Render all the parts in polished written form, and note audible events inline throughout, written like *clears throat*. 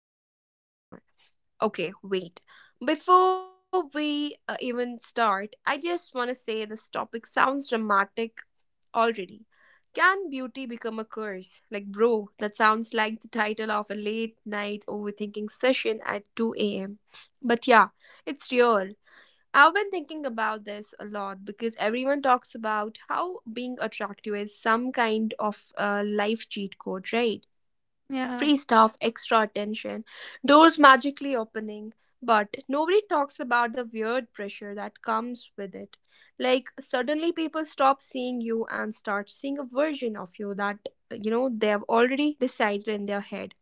co host, Noor. Okay, wait. Before we even start, I just want to say this topic sounds dramatic already. Can beauty become a curse? Like, bro, that sounds like the title of a late night overthinking session at 2 a.m. But yeah, it's real. I've been thinking about this a lot because everyone talks about how being attractive is some kind of life cheat code, right? Yeah. Free stuff, extra attention, doors magically opening. But nobody talks about the weird pressure that comes with it. Like, suddenly people stop seeing you and start seeing a version of you that, you know, they have already decided in their head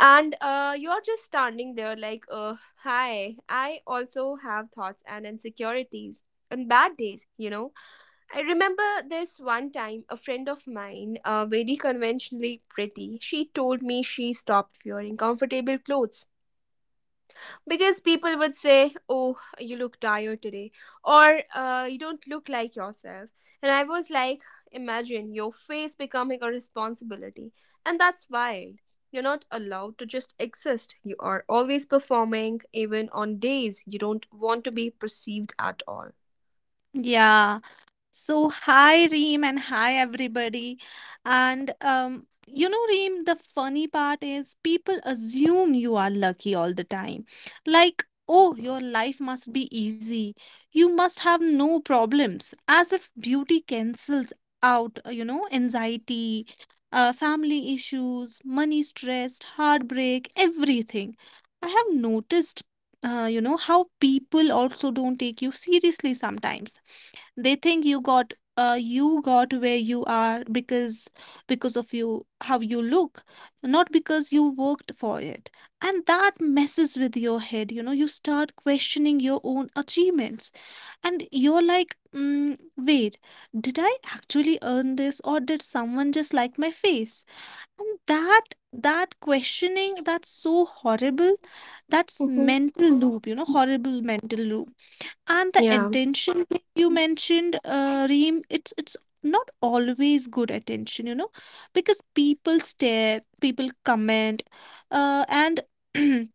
and you're just standing there like hi, I also have thoughts and insecurities and bad days. I remember this one time a friend of mine, very conventionally pretty, she told me she stopped wearing comfortable clothes because people would say, oh, you look tired today, or you don't look like yourself. And I was like, imagine your face becoming a responsibility. And that's wild. You're not allowed to just exist, you are always performing even on days you don't want to be perceived at all. Yeah. So, hi Reem and hi everybody. And, Reem, the funny part is people assume you are lucky all the time. Like, oh, your life must be easy. You must have no problems, as if beauty cancels out, anxiety, family issues, money stress, heartbreak, everything. I have noticed, how people also don't take you seriously sometimes. They think you got where you are because of you how you look, not because you worked for it. And that messes with your head, you know. You start questioning your own achievements, and you're like, wait, did I actually earn this, or did someone just like my face? And that questioning, that's so horrible. That's Mhm. mental loop, you know, horrible mental loop. And the Yeah. attention thing you mentioned, Reem, it's not always good attention, you know, because people stare, people comment, and *clears throat*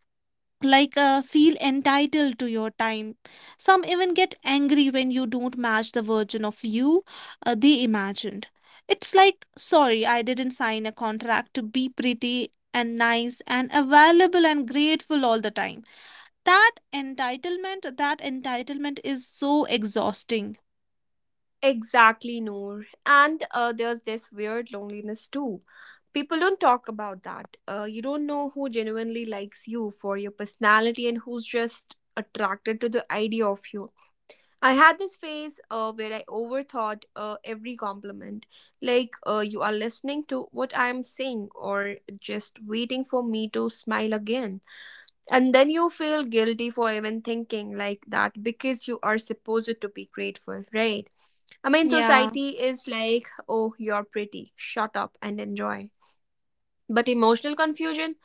like feel entitled to your time. Some even get angry when you don't match the version of you they imagined. It's like, sorry, I didn't sign a contract to be pretty and nice and available and grateful all the time. That entitlement is so exhausting. Exactly, Noor. And there's this weird loneliness too. People don't talk about that. You don't know who genuinely likes you for your personality and who's just attracted to the idea of you. I had this phase where I overthought every compliment. Like, you are listening to what I am saying or just waiting for me to smile again. And then you feel guilty for even thinking like that because you are supposed to be grateful, right? I mean, Yeah. society is like, oh, you're pretty, shut up and enjoy. But emotional confusion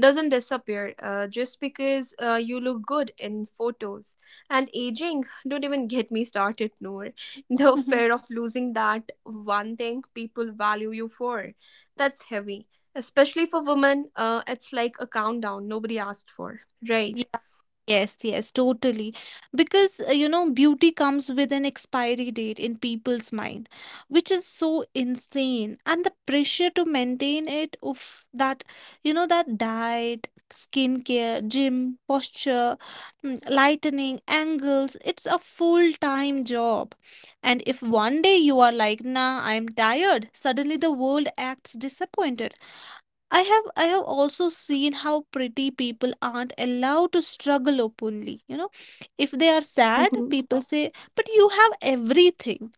doesn't disappear, just because you look good in photos. And aging, don't even get me started, Noor. *laughs* The fear of losing that one thing people value you for, that's heavy. Especially for women, it's like a countdown nobody asked for, right? Yeah, yes, yes, totally. Because, beauty comes with an expiry date in people's mind, which is so insane. And the pressure to maintain it, of that, you know, that diet, skincare, gym, posture, lightening, angles, it's a full-time job. And if one day you are like, nah, I'm tired, suddenly the world acts disappointed. I have also seen how pretty people aren't allowed to struggle openly. You know, if they are sad, Mhm. people say, "But you have everything."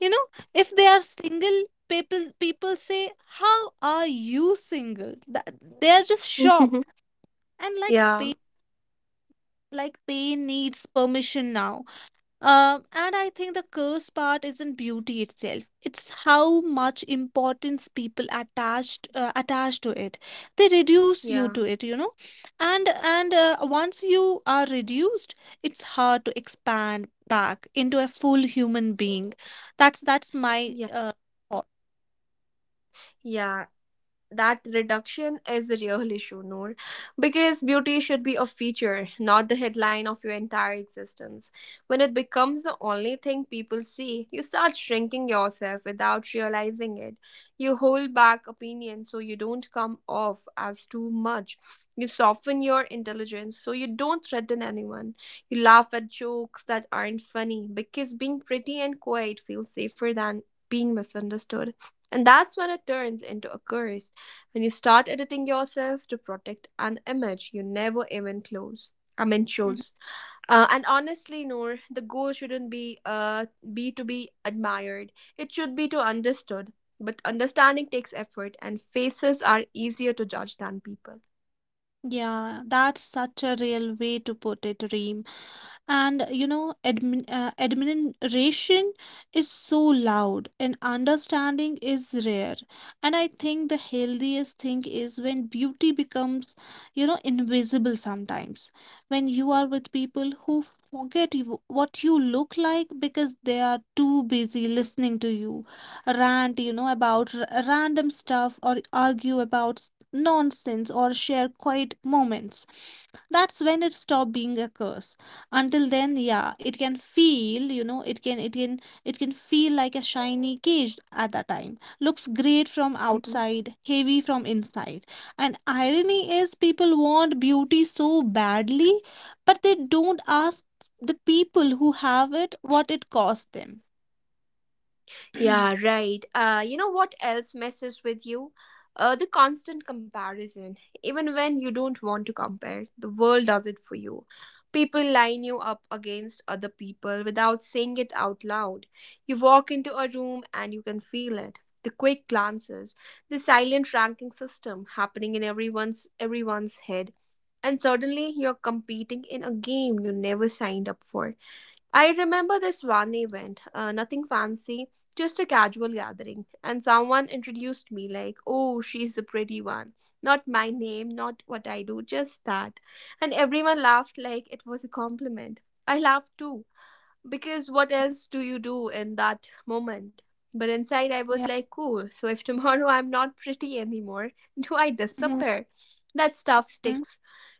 You know, if they are single, people say, "How are you single?" That, they are just Mhm. shocked, and *laughs* like Yeah. pain, like pain needs permission now. And I think the curse part isn't beauty itself. It's how much importance people attach to it. They reduce you Yeah. to it, you know. And once you are reduced, it's hard to expand back into a full human being. That's my Yeah. Thought. Yeah. That reduction is the real issue, Noor, because beauty should be a feature, not the headline of your entire existence. When it becomes the only thing people see, you start shrinking yourself without realizing it. You hold back opinions so you don't come off as too much. You soften your intelligence so you don't threaten anyone. You laugh at jokes that aren't funny because being pretty and quiet feels safer than being misunderstood. And that's when it turns into a curse, when you start editing yourself to protect an image you never even close, I mean Mm-hmm. shows. And honestly, Noor, the goal shouldn't be to be admired. It should be to understood. But understanding takes effort, and faces are easier to judge than people. Yeah, that's such a real way to put it, Reem. And you know, admiration is so loud, and understanding is rare. And I think the healthiest thing is when beauty becomes, you know, invisible sometimes. When you are with people who forget you, what you look like because they are too busy listening to you rant, you know, about random stuff, or argue about nonsense, or share quiet moments. That's when it stopped being a curse. Until then, yeah, it can feel, you know, it can feel like a shiny cage. At that time, looks great from outside, heavy from inside. And irony is, people want beauty so badly, but they don't ask the people who have it what it cost them. Yeah, *clears throat* right. You know what else messes with you? The constant comparison. Even when you don't want to compare, the world does it for you. People line you up against other people without saying it out loud. You walk into a room and you can feel it. The quick glances, the silent ranking system happening in everyone's head. And suddenly you're competing in a game you never signed up for. I remember this one event, nothing fancy, just a casual gathering, and someone introduced me like, oh, she's the pretty one. Not my name, not what I do, just that. And everyone laughed like it was a compliment. I laughed too, because what else do you do in that moment? But inside, I was Yeah. like, cool, so if *laughs* tomorrow I'm not pretty anymore, *laughs* do I Mhm. disappear? That stuff Mhm. sticks.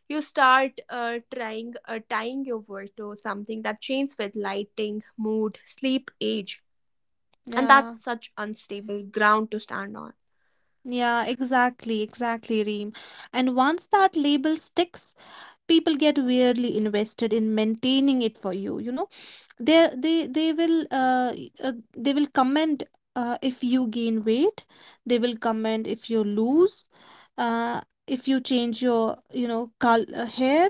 You start trying tying your work to something that changes with lighting, mood, sleep, age, and that's Yeah. such unstable ground to stand on. Yeah, exactly, exactly, Reem. And once that label sticks, people get weirdly invested in maintaining it for you. You know, they will comment if you gain weight, they will comment if you lose, uh if you change your, you know, col hair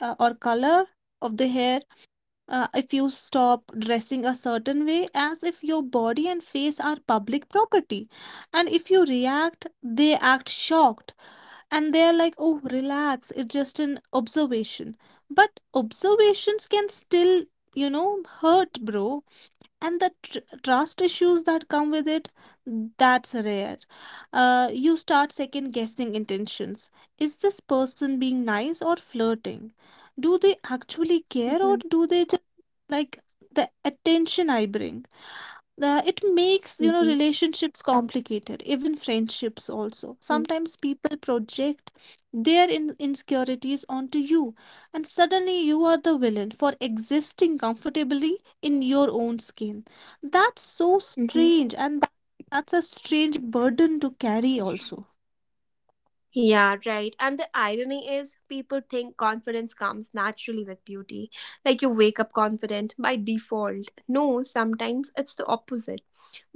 or color of the hair. If you stop dressing a certain way, as if your body and face are public property. And if you react, they act shocked, and they're like, oh, relax, it's just an observation. But observations can still, you know, hurt, bro. And the trust issues that come with it, that's rare. You start second guessing intentions. Is this person being nice or flirting? Do they actually care, or Mhm, do they just like the attention I bring? It makes, you know, mhm, relationships complicated, even friendships also. mm, Sometimes people project their insecurities onto you, and suddenly you are the villain for existing comfortably in your own skin. That's so mhm. strange, and that, that's a strange burden to carry, also. Yeah, right. And the irony is, people think confidence comes naturally with beauty. Like you wake up confident by default. No, sometimes it's the opposite.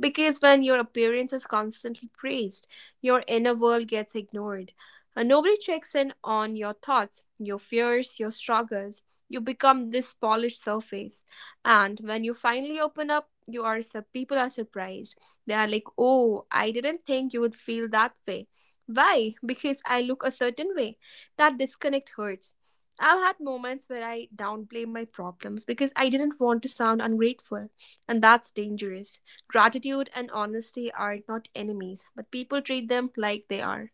Because when your appearance is constantly praised, your inner world gets ignored. Nobody checks in on your thoughts, your fears, your struggles. You become this polished surface. And when you finally open up, you are people are surprised. They are like, "Oh, I didn't think you would feel that way." Why? Because I look a certain way. That disconnect hurts. I've had moments where I downplay my problems because I didn't want to sound ungrateful, and that's dangerous. Gratitude and honesty are not enemies, but people treat them like they are.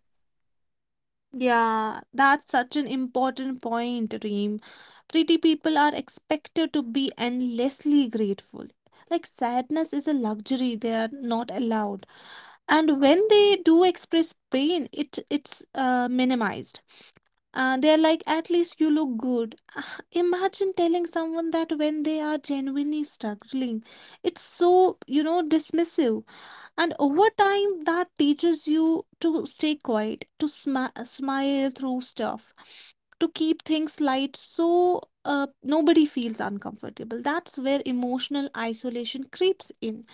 Yeah, that's such an important point, Reem. Pretty people are expected to be endlessly grateful. Like sadness is a luxury they are not allowed. And when they do express pain, it's minimized. They're like, at least you look good. *sighs* Ah, imagine telling someone that when they are genuinely struggling. It's so, you know, dismissive. And over time, that teaches you to stay quiet, to sma smile through stuff, to keep things light, so nobody feels uncomfortable. That's where emotional isolation creeps in.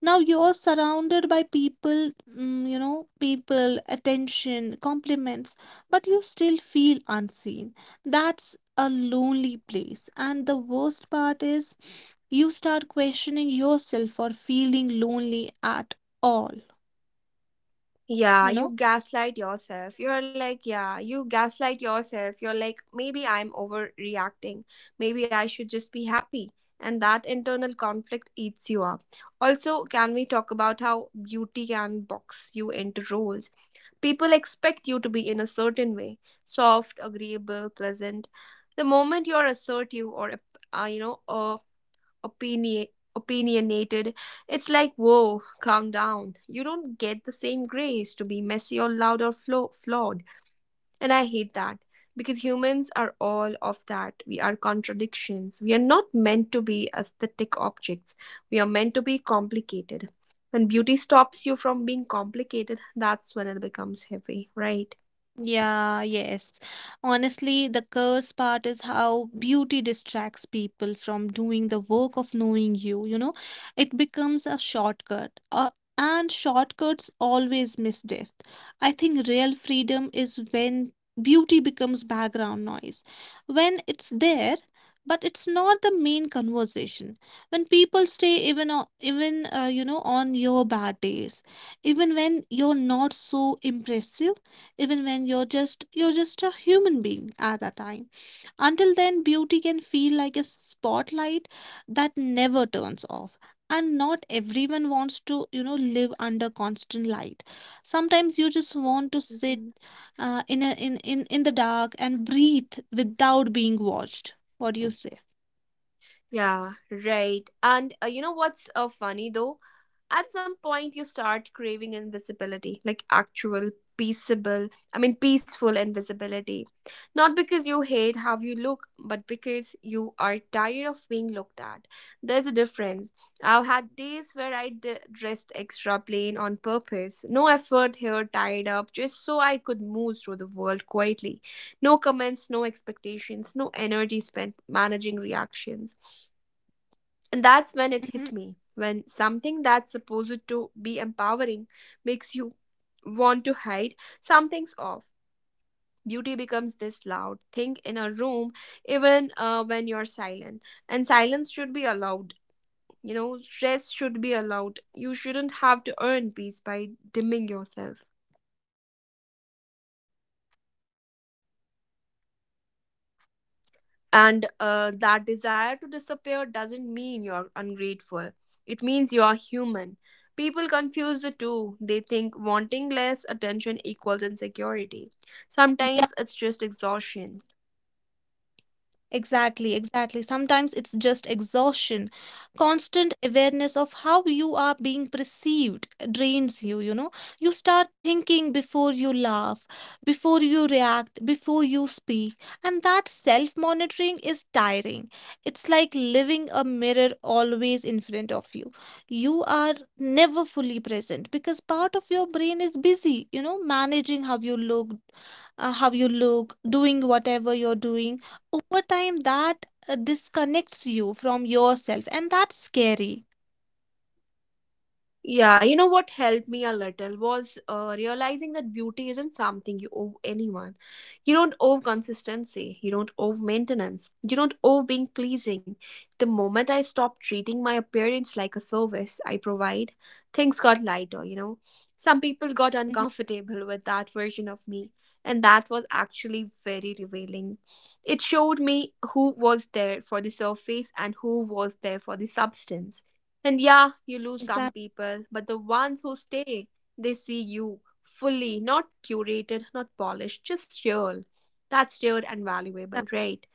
Now you're surrounded by people, you know, people, attention, compliments, but you still feel unseen. That's a lonely place. And the worst part is, you start questioning yourself for feeling lonely at all, Yeah, you you know? gaslight yourself. You're like, yeah, you gaslight yourself. You're like, maybe I'm overreacting. Maybe I should just be happy. And that internal conflict eats you up. Also, can we talk about how beauty can box you into roles? People expect you to be in a certain way, soft, agreeable, pleasant. The moment you're assertive or, uh, you know, uh, opini- opinionated, it's like, whoa, calm down. You don't get the same grace to be messy or loud or flawed. And I hate that because humans are all of that. We are contradictions. We are not meant to be aesthetic objects, we are meant to be complicated. When beauty stops you from being complicated, that's when it becomes heavy, right? Yeah, yes. Honestly, the curse part is how beauty distracts people from doing the work of knowing you, you know? It becomes a shortcut. And shortcuts always miss depth. I think real freedom is when beauty becomes background noise. When it's there, but it's not the main conversation. When people stay even on, even, you know, on your bad days, even when you're not so impressive, even when you're just a human being. At that time, until then, beauty can feel like a spotlight that never turns off. And not everyone wants to, you know, live under constant light. Sometimes you just want to sit in in the dark and breathe without being watched. What do you say? Yeah, right. And you know what's funny though? At some point, you start craving invisibility, like actual, peaceable, I mean, peaceful invisibility. Not because you hate how you look, but because you are tired of being looked at. There's a difference. I've had days where I dressed extra plain on purpose, no effort, hair tied up, just so I could move through the world quietly. No comments, no expectations, no energy spent managing reactions. And that's when it hit Mhm. me, when something that's supposed to be empowering makes you want to hide, something's off. Beauty becomes this loud thing in a room, even when you're silent. And silence should be allowed. You know, stress should be allowed. You shouldn't have to earn peace by dimming yourself. And that desire to disappear doesn't mean you're ungrateful, it means you're human. People confuse the two. They think wanting less attention equals insecurity. Sometimes it's just exhaustion. Exactly, exactly. Sometimes it's just exhaustion. Constant awareness of how you are being perceived drains you, you know. You start thinking before you laugh, before you react, before you speak. And that self-monitoring is tiring. It's like living a mirror always in front of you. You are never fully present because part of your brain is busy, you know, managing how you look, doing whatever you're doing. Over time, that disconnects you from yourself, and that's scary. Yeah, you know what helped me a little was realizing that beauty isn't something you owe anyone. You don't owe consistency, you don't owe maintenance, you don't owe being pleasing. The moment I stopped treating my appearance like a service I provide, things got lighter, you know. Some people got Mhm. uncomfortable with that version of me, and that was actually very revealing. It showed me who was there for the surface and who was there for the substance. And yeah, you lose some Exactly. people, but the ones who stay, they see you fully, not curated, not polished, just real. That's rare and valuable, right?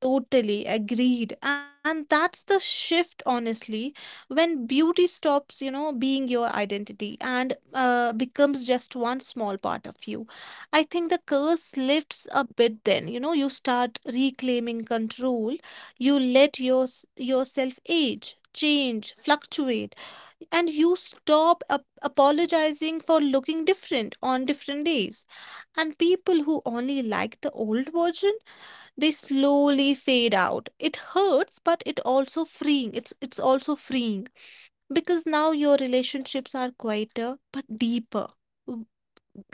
Totally agreed. And that's the shift, honestly, when beauty stops, you know, being your identity, and becomes just one small part of you. I think the curse lifts a bit then. You know, you start reclaiming control, you let your, yourself age, change, fluctuate, and you stop apologizing for looking different on different days. And people who only like the old version, they slowly fade out. It hurts, but it also freeing. It's also freeing, because now your relationships are quieter but deeper. W-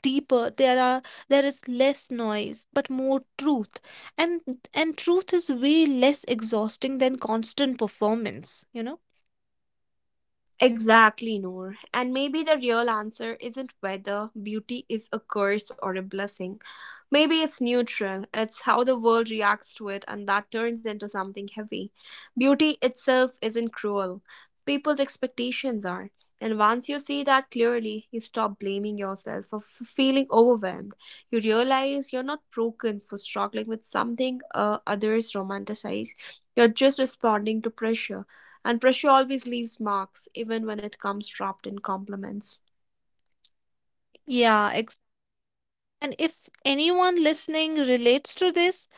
Deeper. There are, there is less noise but more truth. And truth is way less exhausting than constant performance, you know. Exactly, Noor. And maybe the real answer isn't whether beauty is a curse or a blessing. Maybe it's neutral. It's how the world reacts to it, and that turns into something heavy. Beauty itself isn't cruel, people's expectations are. And once you see that clearly, you stop blaming yourself for feeling overwhelmed. You realize you're not broken for struggling with something others romanticize. You're just responding to pressure. And pressure always leaves marks, even when it comes wrapped in compliments. Yeah, ex- and if anyone listening relates to this,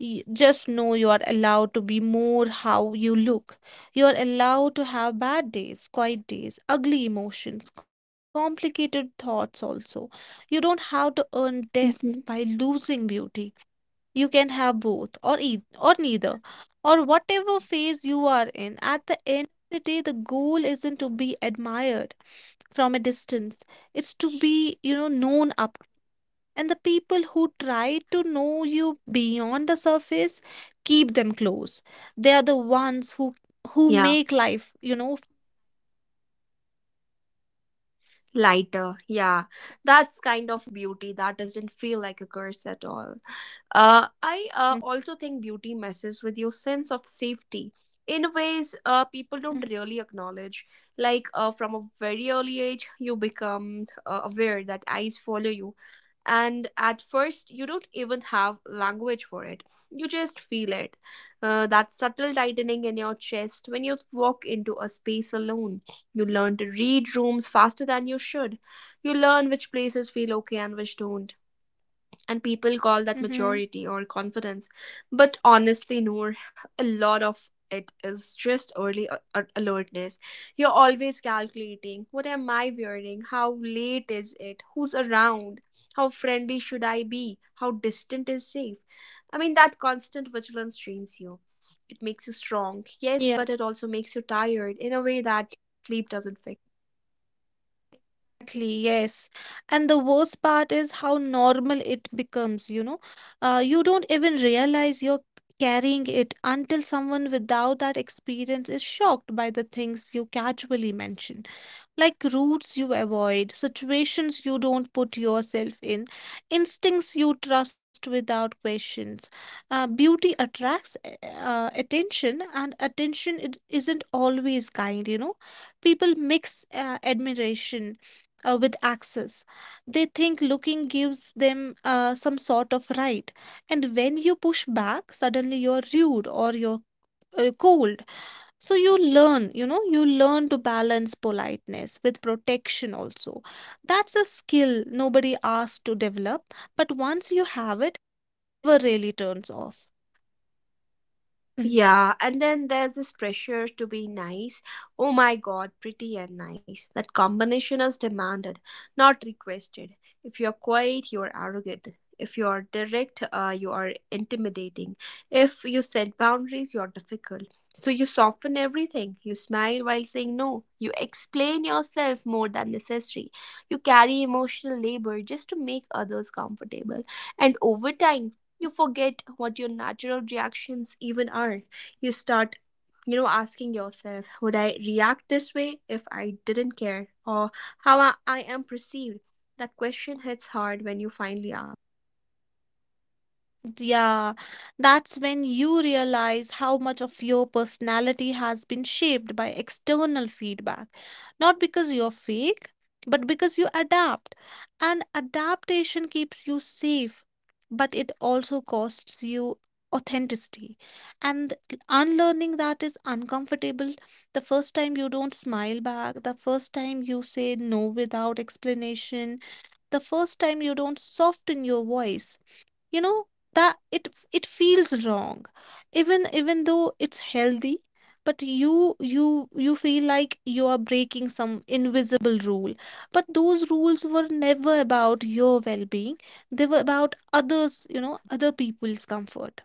just know you are allowed to be more how you look. You are allowed to have bad days, quiet days, ugly emotions, complicated thoughts also. You don't have to earn depth by Hmm. losing beauty. You can have both, or or neither, or whatever phase you are in. At the end of the day, the goal isn't to be admired from a distance. It's to be, you know, known up. And the people who try to know you beyond the surface, keep them close. They are the ones who Yeah, make life, you know. lighter. Yeah, that's kind of beauty that doesn't feel like a curse at all. I also think beauty messes with your sense of safety in ways people don't Mm-hmm. really acknowledge. Like from a very early age, you become aware that eyes follow you. And at first, you don't even have language for it. You just feel it. That subtle tightening in your chest when you walk into a space alone. You learn to read rooms faster than you should. You learn which places feel okay and which don't, and people call that Mm-hmm, maturity or confidence, but honestly, Noor, a lot of it is just early alertness. You're always calculating, what am I wearing, how late is it, who's around, how friendly should I be, how distant is safe. I mean, that constant vigilance trains you. It makes you strong, yes, yeah. but it also makes you tired in a way that sleep doesn't fix, right? Exactly, yes. And the worst part is how normal it becomes, you know. You don't even realize you're carrying it until someone without that experience is shocked by the things you casually mention, like routes you avoid, situations you don't put yourself in, instincts you trust without questions. Beauty attracts attention, and attention, it isn't always kind, you know. People mix admiration with access. They think looking gives them some sort of right, and when you push back, suddenly you're rude or you're cold. So you learn, you know, you learn to balance politeness with protection also. That's a skill nobody asks to develop, but once you have it, it never really turns off. *laughs* Yeah, and then there's this pressure to be nice. Oh my god, pretty and nice. That combination is demanded, not requested. If you're quiet, you are arrogant. If you are direct, you are intimidating. If you set boundaries, you're difficult. So you soften everything. You smile while saying no. You explain yourself more than necessary. You carry emotional labor just to make others comfortable. And over time, you forget what your natural reactions even are. You start asking yourself, would I react this way if I didn't care or how I am perceived? That question hits hard when you finally ask it. Yeah, that's when you realize how much of your personality has been shaped by external feedback. Not because you're fake, but because you adapt. And adaptation keeps you safe, but it also costs you authenticity. And unlearning that is uncomfortable. The first time you don't smile back, the first time you say no without explanation, the first time you don't soften your voice, you know that it feels wrong, even though it's healthy, but you feel like you are breaking some invisible rule. But those rules were never about your well-being, they were about others, you know, other people's comfort.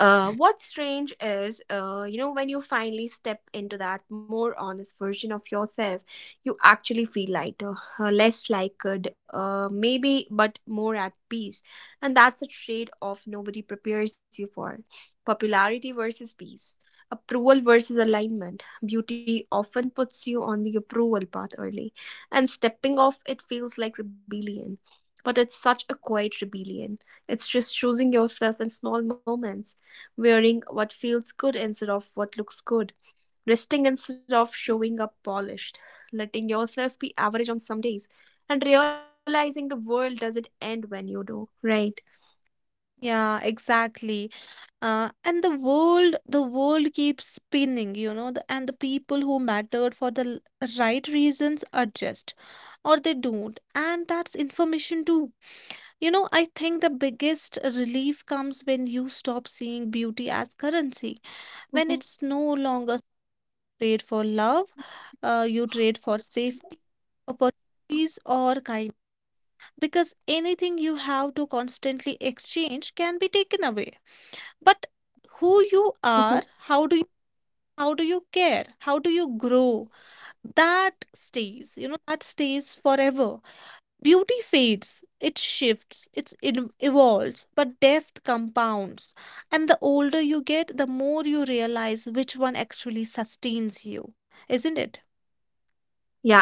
What's strange is, when you finally step into that more honest version of yourself, you actually feel lighter, less like good, maybe, but more at peace. And that's a trade off nobody prepares you for, popularity versus peace, approval versus alignment. Beauty often puts you on the approval path early, and stepping off it feels like rebellion. But it's such a quiet rebellion. It's just choosing yourself in small moments, wearing what feels good instead of what looks good, resting instead of showing up polished, letting yourself be average on some days, and realizing the world doesn't end when you do, right? Yeah, exactly. And the world keeps spinning, you know. And the people who mattered for the right reasons adjust or they don't, and that's information too. You know, I think the biggest relief comes when you stop seeing beauty as currency. When it's no longer trade for love, you trade for safety, opportunities, or kindness. Because anything you have to constantly exchange can be taken away. But who you are, Mm-hmm. How do you care, how do you grow, that stays. You know, that stays forever. Beauty fades, it shifts, evolves, but death compounds. And the older you get, the more you realize which one actually sustains you, isn't it?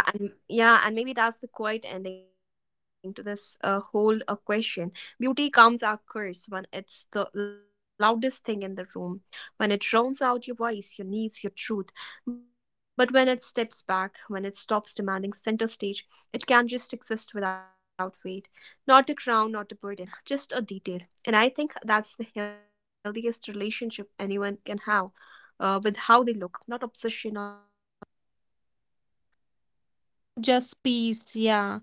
Yeah, and maybe that's the quiet ending to this whole question. Beauty comes a curse when it's the loudest thing in the room, when it drowns out your voice, your needs, your truth. But when it steps back, when it stops demanding center stage, it can just exist without weight. Not a crown, not a burden, just a detail. And I think that's the healthiest relationship anyone can have with how they look. Not obsession, not rejection, just peace. Just peace, yeah.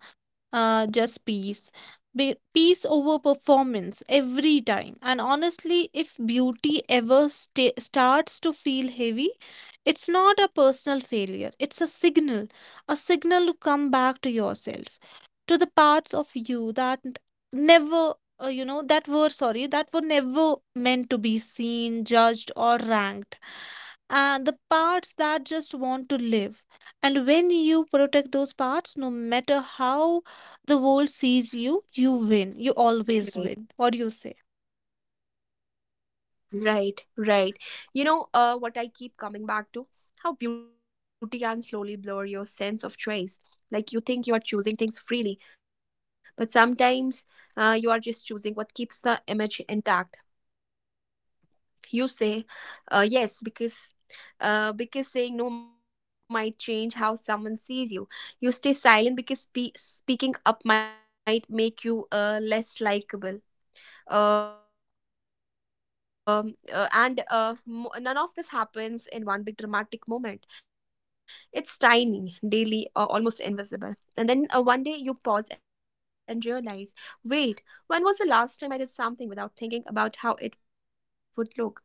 Just peace. Peace over performance every time. And honestly, if beauty ever starts to feel heavy, it's not a personal failure, it's a signal to come back to yourself, to the parts of you that never. You know, that were sorry, that were never meant to be seen, judged, or ranked, and the parts that just want to live. And when you protect those parts, no matter how the world sees you, you win. You Mhm. always win. What do you say? Right, right, right. What I keep coming back to, how beauty can slowly blur your sense of choice. Like you think you are choosing things freely, but sometimes you are just choosing what keeps the image intact. You say, yes, because saying no might change how someone sees you. You stay silent because speaking up might make you less likable. None of this happens in one big dramatic moment. It's tiny, daily, almost invisible. And then one day you pause and realize, wait, when was the last time I did something without thinking about how it would look?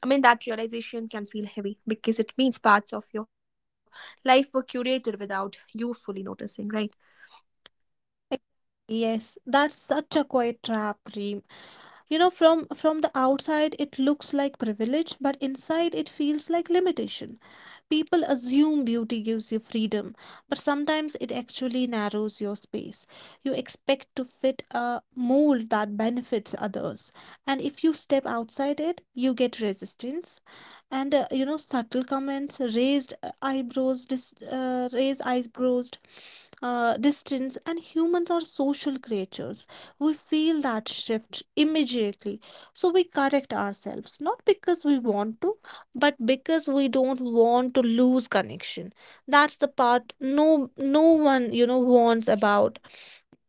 I mean, that realization can feel heavy because it means parts of your life were curated without you fully noticing, right? Exactly. Yes, that's such a quiet trap, Reem. You know, from the outside it looks like privilege, but inside it feels like limitation. People assume beauty gives you freedom, but sometimes it actually narrows your space. You expect to fit a mold that benefits others, and if you step outside it, you get resistance. And you know, subtle comments, eyebrows dis raise eyebrows, distance. And humans are social creatures, we feel that shift immediately, so we correct ourselves, not because we want to, but because we don't want to lose connection. That's the part no one, you know, warns about.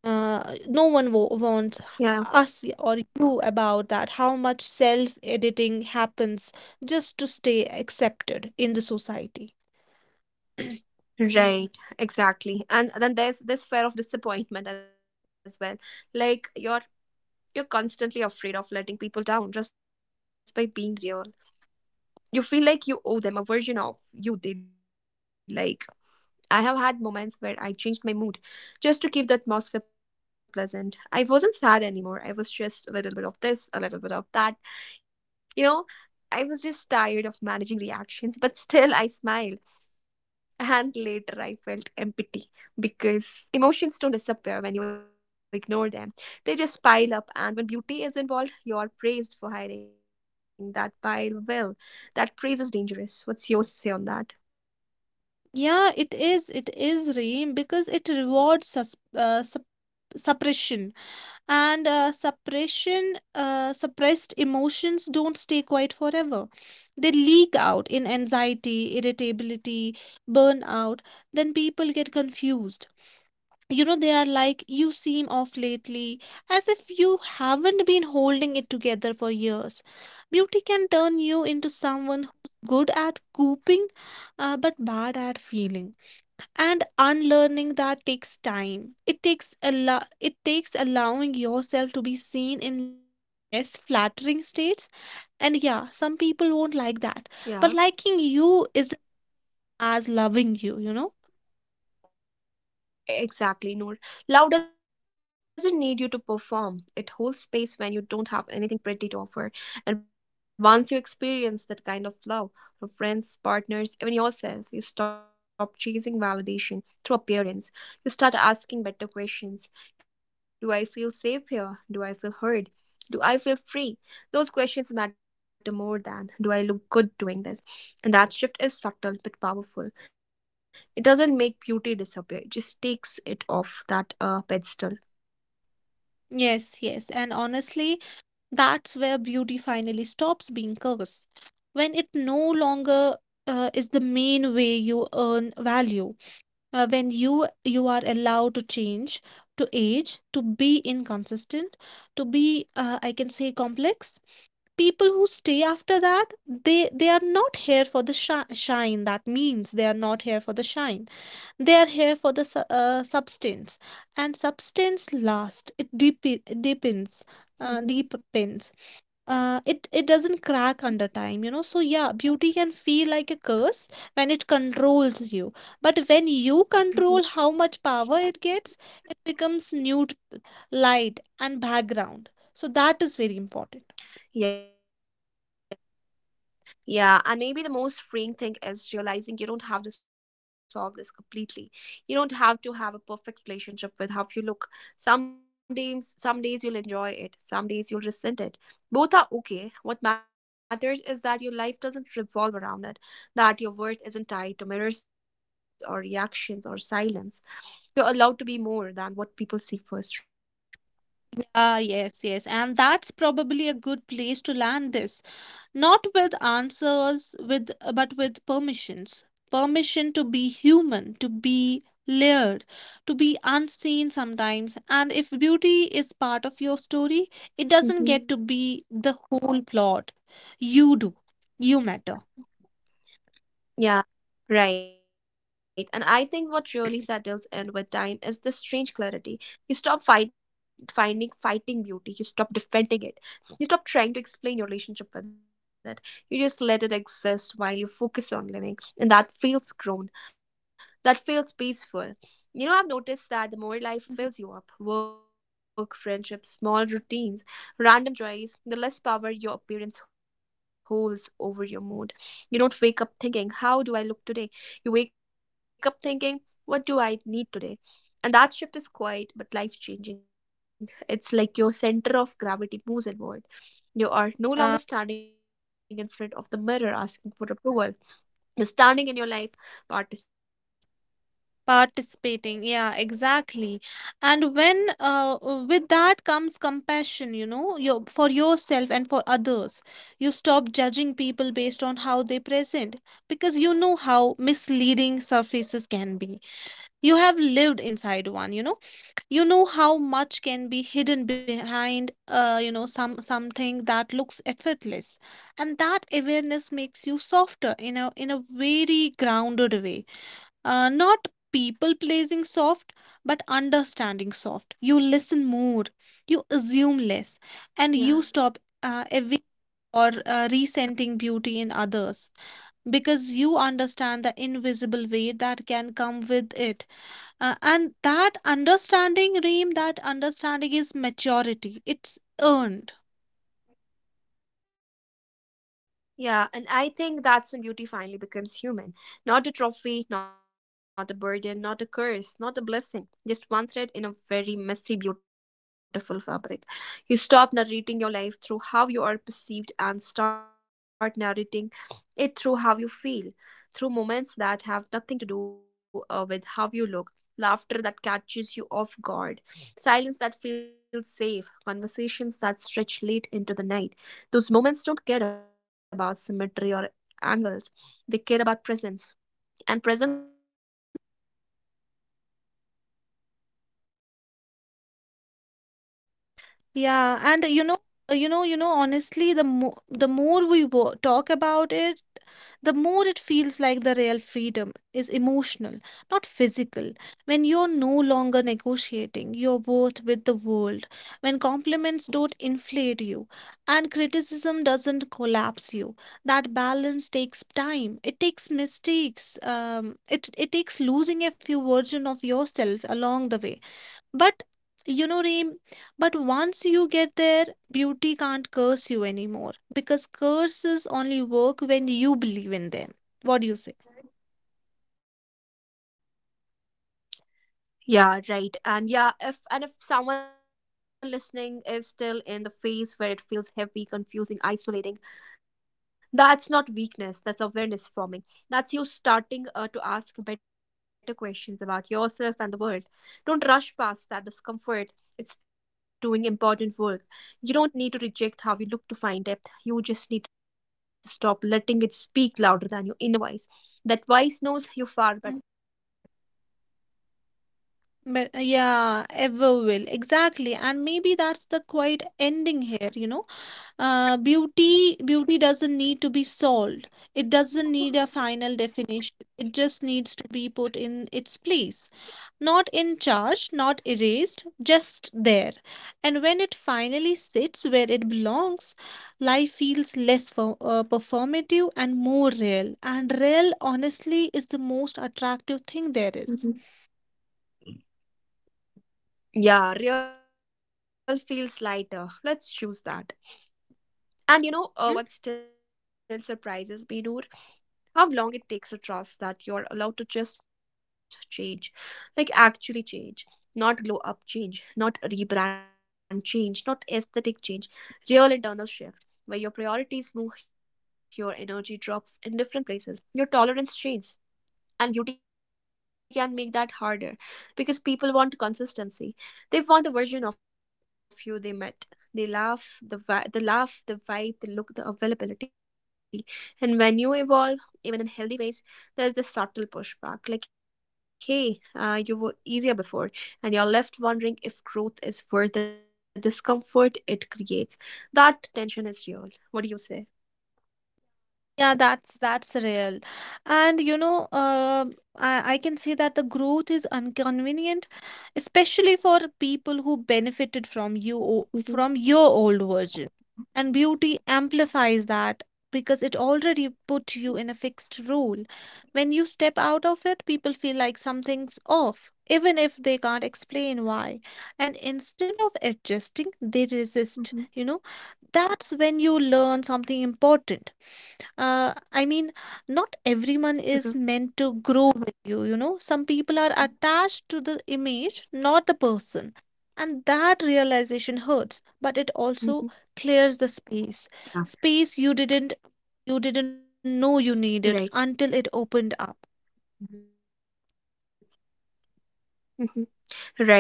No one warns Yeah, us or you about that, how much self editing happens just to stay accepted in the society. *clears throat* right, exactly. And then there's this fear of disappointment as well. Like you're constantly afraid of letting people down just by being real. You feel like you owe them a version of you they like. I have had moments where I changed my mood just to keep the atmosphere pleasant. I wasn't sad anymore. I was just a little bit of this, a little bit of that. You know, I was just tired of managing reactions, but still I smiled. And later I felt empty because emotions don't disappear when you ignore them. They just pile up, and when beauty is involved, you're praised for hiding that pile well. That praise is dangerous. What's your say on that? Yeah, it is. It is, Reem, because it rewards sus sup suppression. And suppression Suppressed emotions don't stay quiet forever, they leak out in anxiety, irritability, burnout. Then people get confused, you know, they are like, you seem off lately, as if you haven't been holding it together for years. Beauty can turn you into someone who's good at coping, but bad at feeling. And unlearning that takes time. It takes allowing yourself to be seen in less flattering states. And yeah, some people won't like that, but Yeah. liking you isn't as loving you, you know. Exactly, Noor. Love doesn't need you to perform. It holds space when you don't have anything pretty to offer. And once you experience that kind of love, from friends, partners, even yourself, you stop chasing validation through appearance. You start asking better questions. Do I feel safe here? Do I feel heard? Do I feel free? Those questions matter more than, do I look good doing this? And that shift is subtle but powerful. It doesn't make beauty disappear. It just takes it off that pedestal. Yes, yes. And honestly, that's where beauty finally stops being curse. When it no longer, is the main way you earn value. When you are allowed to change, to age, to be inconsistent, to be, I can say, complex. People who stay after that, they are not here for the shine. That means they are not here for the shine, they are here for the substance. And substance lasts, it deep deepens. uh, deepens it doesn't Hmm. crack under time, you know. So yeah, beauty can feel like a curse when it controls you, but when you control Hmm. how much power it gets, it becomes new, light and background. So that is very important. Yeah, and maybe the most freeing thing is realizing you don't have to solve this completely. You don't have to have a perfect relationship with how you look. Some days you'll enjoy it, some days you'll resent it. Both are okay. What matters is that your life doesn't revolve around it, that your worth isn't tied to mirrors or reactions or silence. You're allowed to be more than what people see first, right? Ah, yes, yes. And that's probably a good place to land this. Not with answers with, but with permissions. Permission to be human, to be layered, to be unseen sometimes. And if beauty is part of your story, it doesn't get to be the whole plot. Mhm. You do. You matter. Yeah. Right. And I think what really settles in with time is this strange clarity. Finding fighting beauty. You stop defending it. You stop trying to explain your relationship with it. You just let it exist while you focus on living. And that feels grown. That feels peaceful. You know, I've noticed that the Mm-hmm. more life fills you up, work, friendships, small routines, random joys, the less power your appearance holds over your mood. You don't wake up thinking, how do I look today? You wake up thinking, what do I need today? And that shift is quiet but life changing. It's like your center of gravity moves inward. You are Yeah. no longer standing in front of the mirror asking for approval. You're standing in your life participating, right? Participating, yeah, exactly. And when with that comes compassion, you know, for yourself and for others. You stop judging people based on how they present, because you know how misleading surfaces can be. You have lived inside one, you know. You know how much can be hidden behind, you know, something that looks effortless. And that awareness makes you softer in a very grounded way. Not people pleasing soft, but understanding soft. You listen more, you assume less, and you stop, ev- or Yeah. resenting beauty in others, because you understand the invisible weight that can come with it. And that understanding, Reem, that understanding is maturity. It's earned. Yeah, and I think that's when beauty finally becomes human. Not a trophy, not a burden, not a curse, not a blessing. Just one thread in a very messy, beautiful fabric. You stop narrating your life through how you are perceived and start narrating it through how you feel, through moments that have nothing to do with how you look, laughter that catches you off guard, silence that feels safe, conversations that stretch late into the night, those moments don't care about symmetry or angles, they care about presence. And presence is something no mirror can give you, right? Yeah, and you know, honestly, the more we wo talk about it, the more it feels like the real freedom is emotional, not physical. When you're no longer negotiating your worth with the world, when compliments don't inflate you and criticism doesn't collapse you, that balance takes time. It takes mistakes. It takes losing a few version of yourself along the way. But you know, Reem, but once you get there, beauty can't curse you anymore, because curses only work when you believe in them. What do you say? Yeah, right. And if someone listening is still in the phase where it feels heavy, confusing, isolating, that's not weakness, that's awareness forming. That's you starting to ask better questions about yourself and the world. Don't rush past that discomfort. It's doing important work. You don't need to reject how you look to find depth. You just need to stop letting it speak louder than your inner voice. That voice knows Mm. you far better than any reflection ever will. But yeah, ever will. Exactly. And maybe that's the quiet ending here, you know? Beauty doesn't need to be solved. It doesn't need a Mhm. final definition. It just needs to be put in its place. Not in charge, not erased, just there. And when it finally sits where it belongs, life feels less performative and more real. And real, honestly, is the most attractive thing there is. Yeah, real feels lighter. Let's choose that. And Hmm? What still surprises me, Noor? How long it takes to trust that you're allowed to just change. Like, actually change. Not glow up change, not rebrand change, not aesthetic change. Real internal shift where your priorities move, your energy drops in different places, your tolerance changes, and beauty can make that harder, because people want consistency, they want the version of you they met, they laugh, the laugh, the vibe, the look, the availability. And when you evolve, even in healthy ways, there's this subtle pushback, like, hey, you were easier before, and you're left wondering if growth is worth the discomfort it creates. That tension is real. What do you say? Yeah, that's real. And you know, I can say that the growth is inconvenient, especially for people who benefited from Mm-hmm. from your old version. And beauty amplifies that, because it already put you in a fixed role. When you step out of it, people feel like something's off, even if they can't explain why. And instead of adjusting, they resist, Mm-hmm. you know. That's when you learn something important. I mean, not everyone is meant Uh-huh. to grow with you, you know. Some people are attached to the image, not the person. And that realization hurts, but it also Mm-hmm. clears the space. Space Yeah. You didn't know you needed until Right. it opened up. Mm-hmm.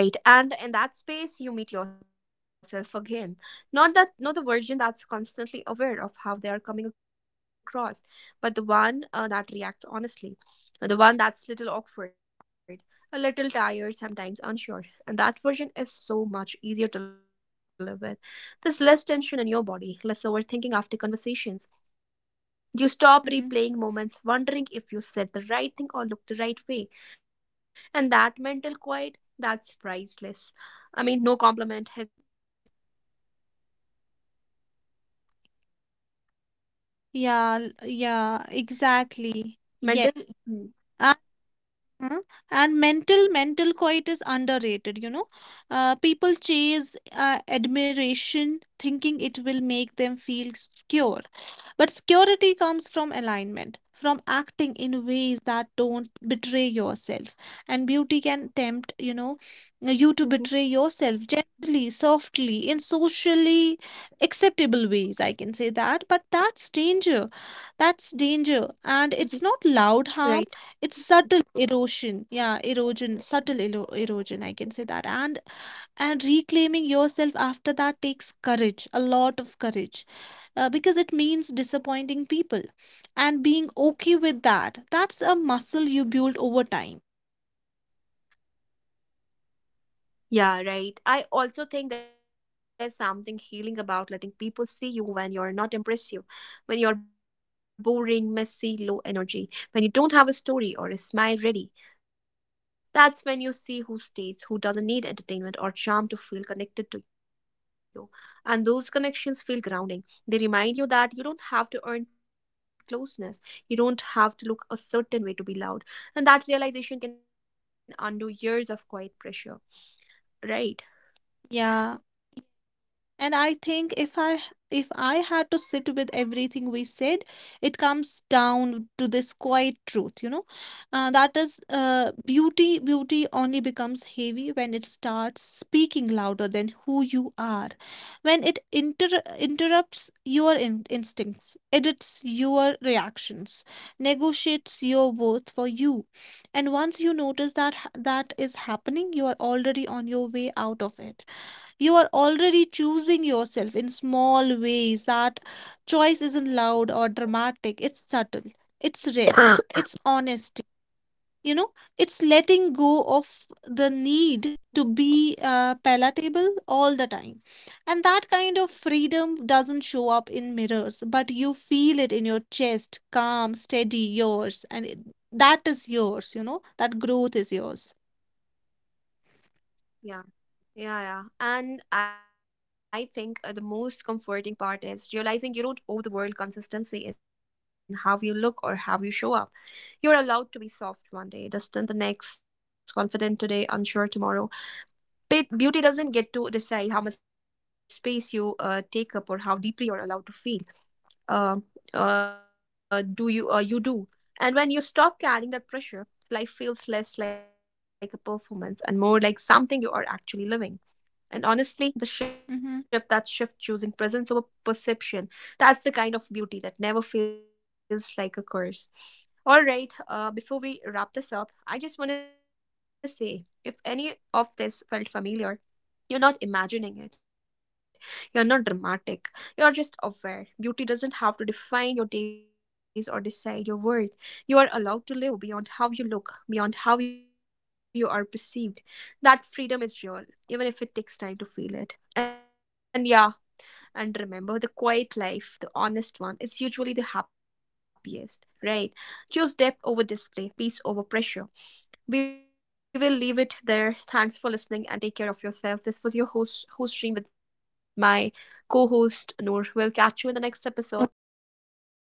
Right. And in that space you meet yourself again. Not the version that's constantly aware of how they are coming across, but the one that reacts honestly. The one that's little awkward, a little tired, sometimes unsure. And that version is so much easier to live with. There's less tension in your body, less overthinking after conversations. You stop Mhm. replaying moments, wondering if you said the right thing or looked the right way. And that mental quiet, that's priceless. I mean, no compliment has ever given me that level of peace. Yeah, yeah, exactly. Yes. Mental. Hmm. Huh? And mental quiet is underrated, you know. People chase admiration, thinking it will make them feel secure. But security comes from alignment, from acting in ways that don't betray yourself. And beauty can tempt, you know, you to betray Mhm. yourself gently, softly, in socially acceptable ways. I can say that, but that's danger. That's danger, and it's Mhm. not loud harm, it's Right. subtle erosion. Yeah, erosion, subtle erosion, I can say that. And reclaiming yourself after that takes courage, a lot of courage, because it means disappointing people, and being okay with that. That's a muscle you build over time. Yeah, right. I also think there's something healing about letting people see you when you're not impressive, when you're boring, messy, low energy, when you don't have a story or a smile ready. That's when you see who stays, who doesn't need entertainment or charm to feel connected to you. And those connections feel grounding. They remind you that you don't have to earn closeness, you don't have to look a certain way to be loved. And that realization can undo years of quiet pressure, right? Yeah, and I think if I had to sit with everything we said, it comes down to this quiet truth, you know, beauty only becomes heavy when it starts speaking louder than who you are, when it interrupts your in instincts, edits your reactions, negotiates your worth for you. And once you notice that that is happening, you are already on your way out of it. You are already choosing yourself in small ways. That choice isn't loud or dramatic, it's subtle, it's rest, it's honesty. You know, it's letting go of the need to Mhm. be, palatable all the time. And that kind of freedom doesn't show up in mirrors, but you feel it in your chest, calm, steady, yours. And it, that is yours, you know, that growth is yours. Yeah, Yeah, yeah. And I think the most comforting part is realizing you don't owe the world consistency in how you look or how you show up. You're allowed to be soft one day, distant the next, confident today, unsure tomorrow. But beauty doesn't get to decide how much space you take up or how deeply you're allowed to feel. Um, do you? You do. And when you stop carrying that pressure, life feels less like a performance and more like something you are actually living. And honestly, the Mhm. shift that shift, choosing presence over perception, that's the kind of beauty that never feels like a curse. All right, before we wrap this up, I just want to say, if any of this felt familiar, you're not imagining it. You're not dramatic. You're just aware. Beauty doesn't have to define your days or decide your worth. You are allowed to live beyond how you look, beyond how you are perceived. That freedom is real, even if it takes time to feel it. And yeah, and remember, the quiet life, the honest one, is usually the happiest, right? Choose depth over display, peace over pressure, we will leave it there. Thanks for listening and take care of yourself. This was your host, host stream with my co host, Noor. We'll catch you in the next episode. Till then, bye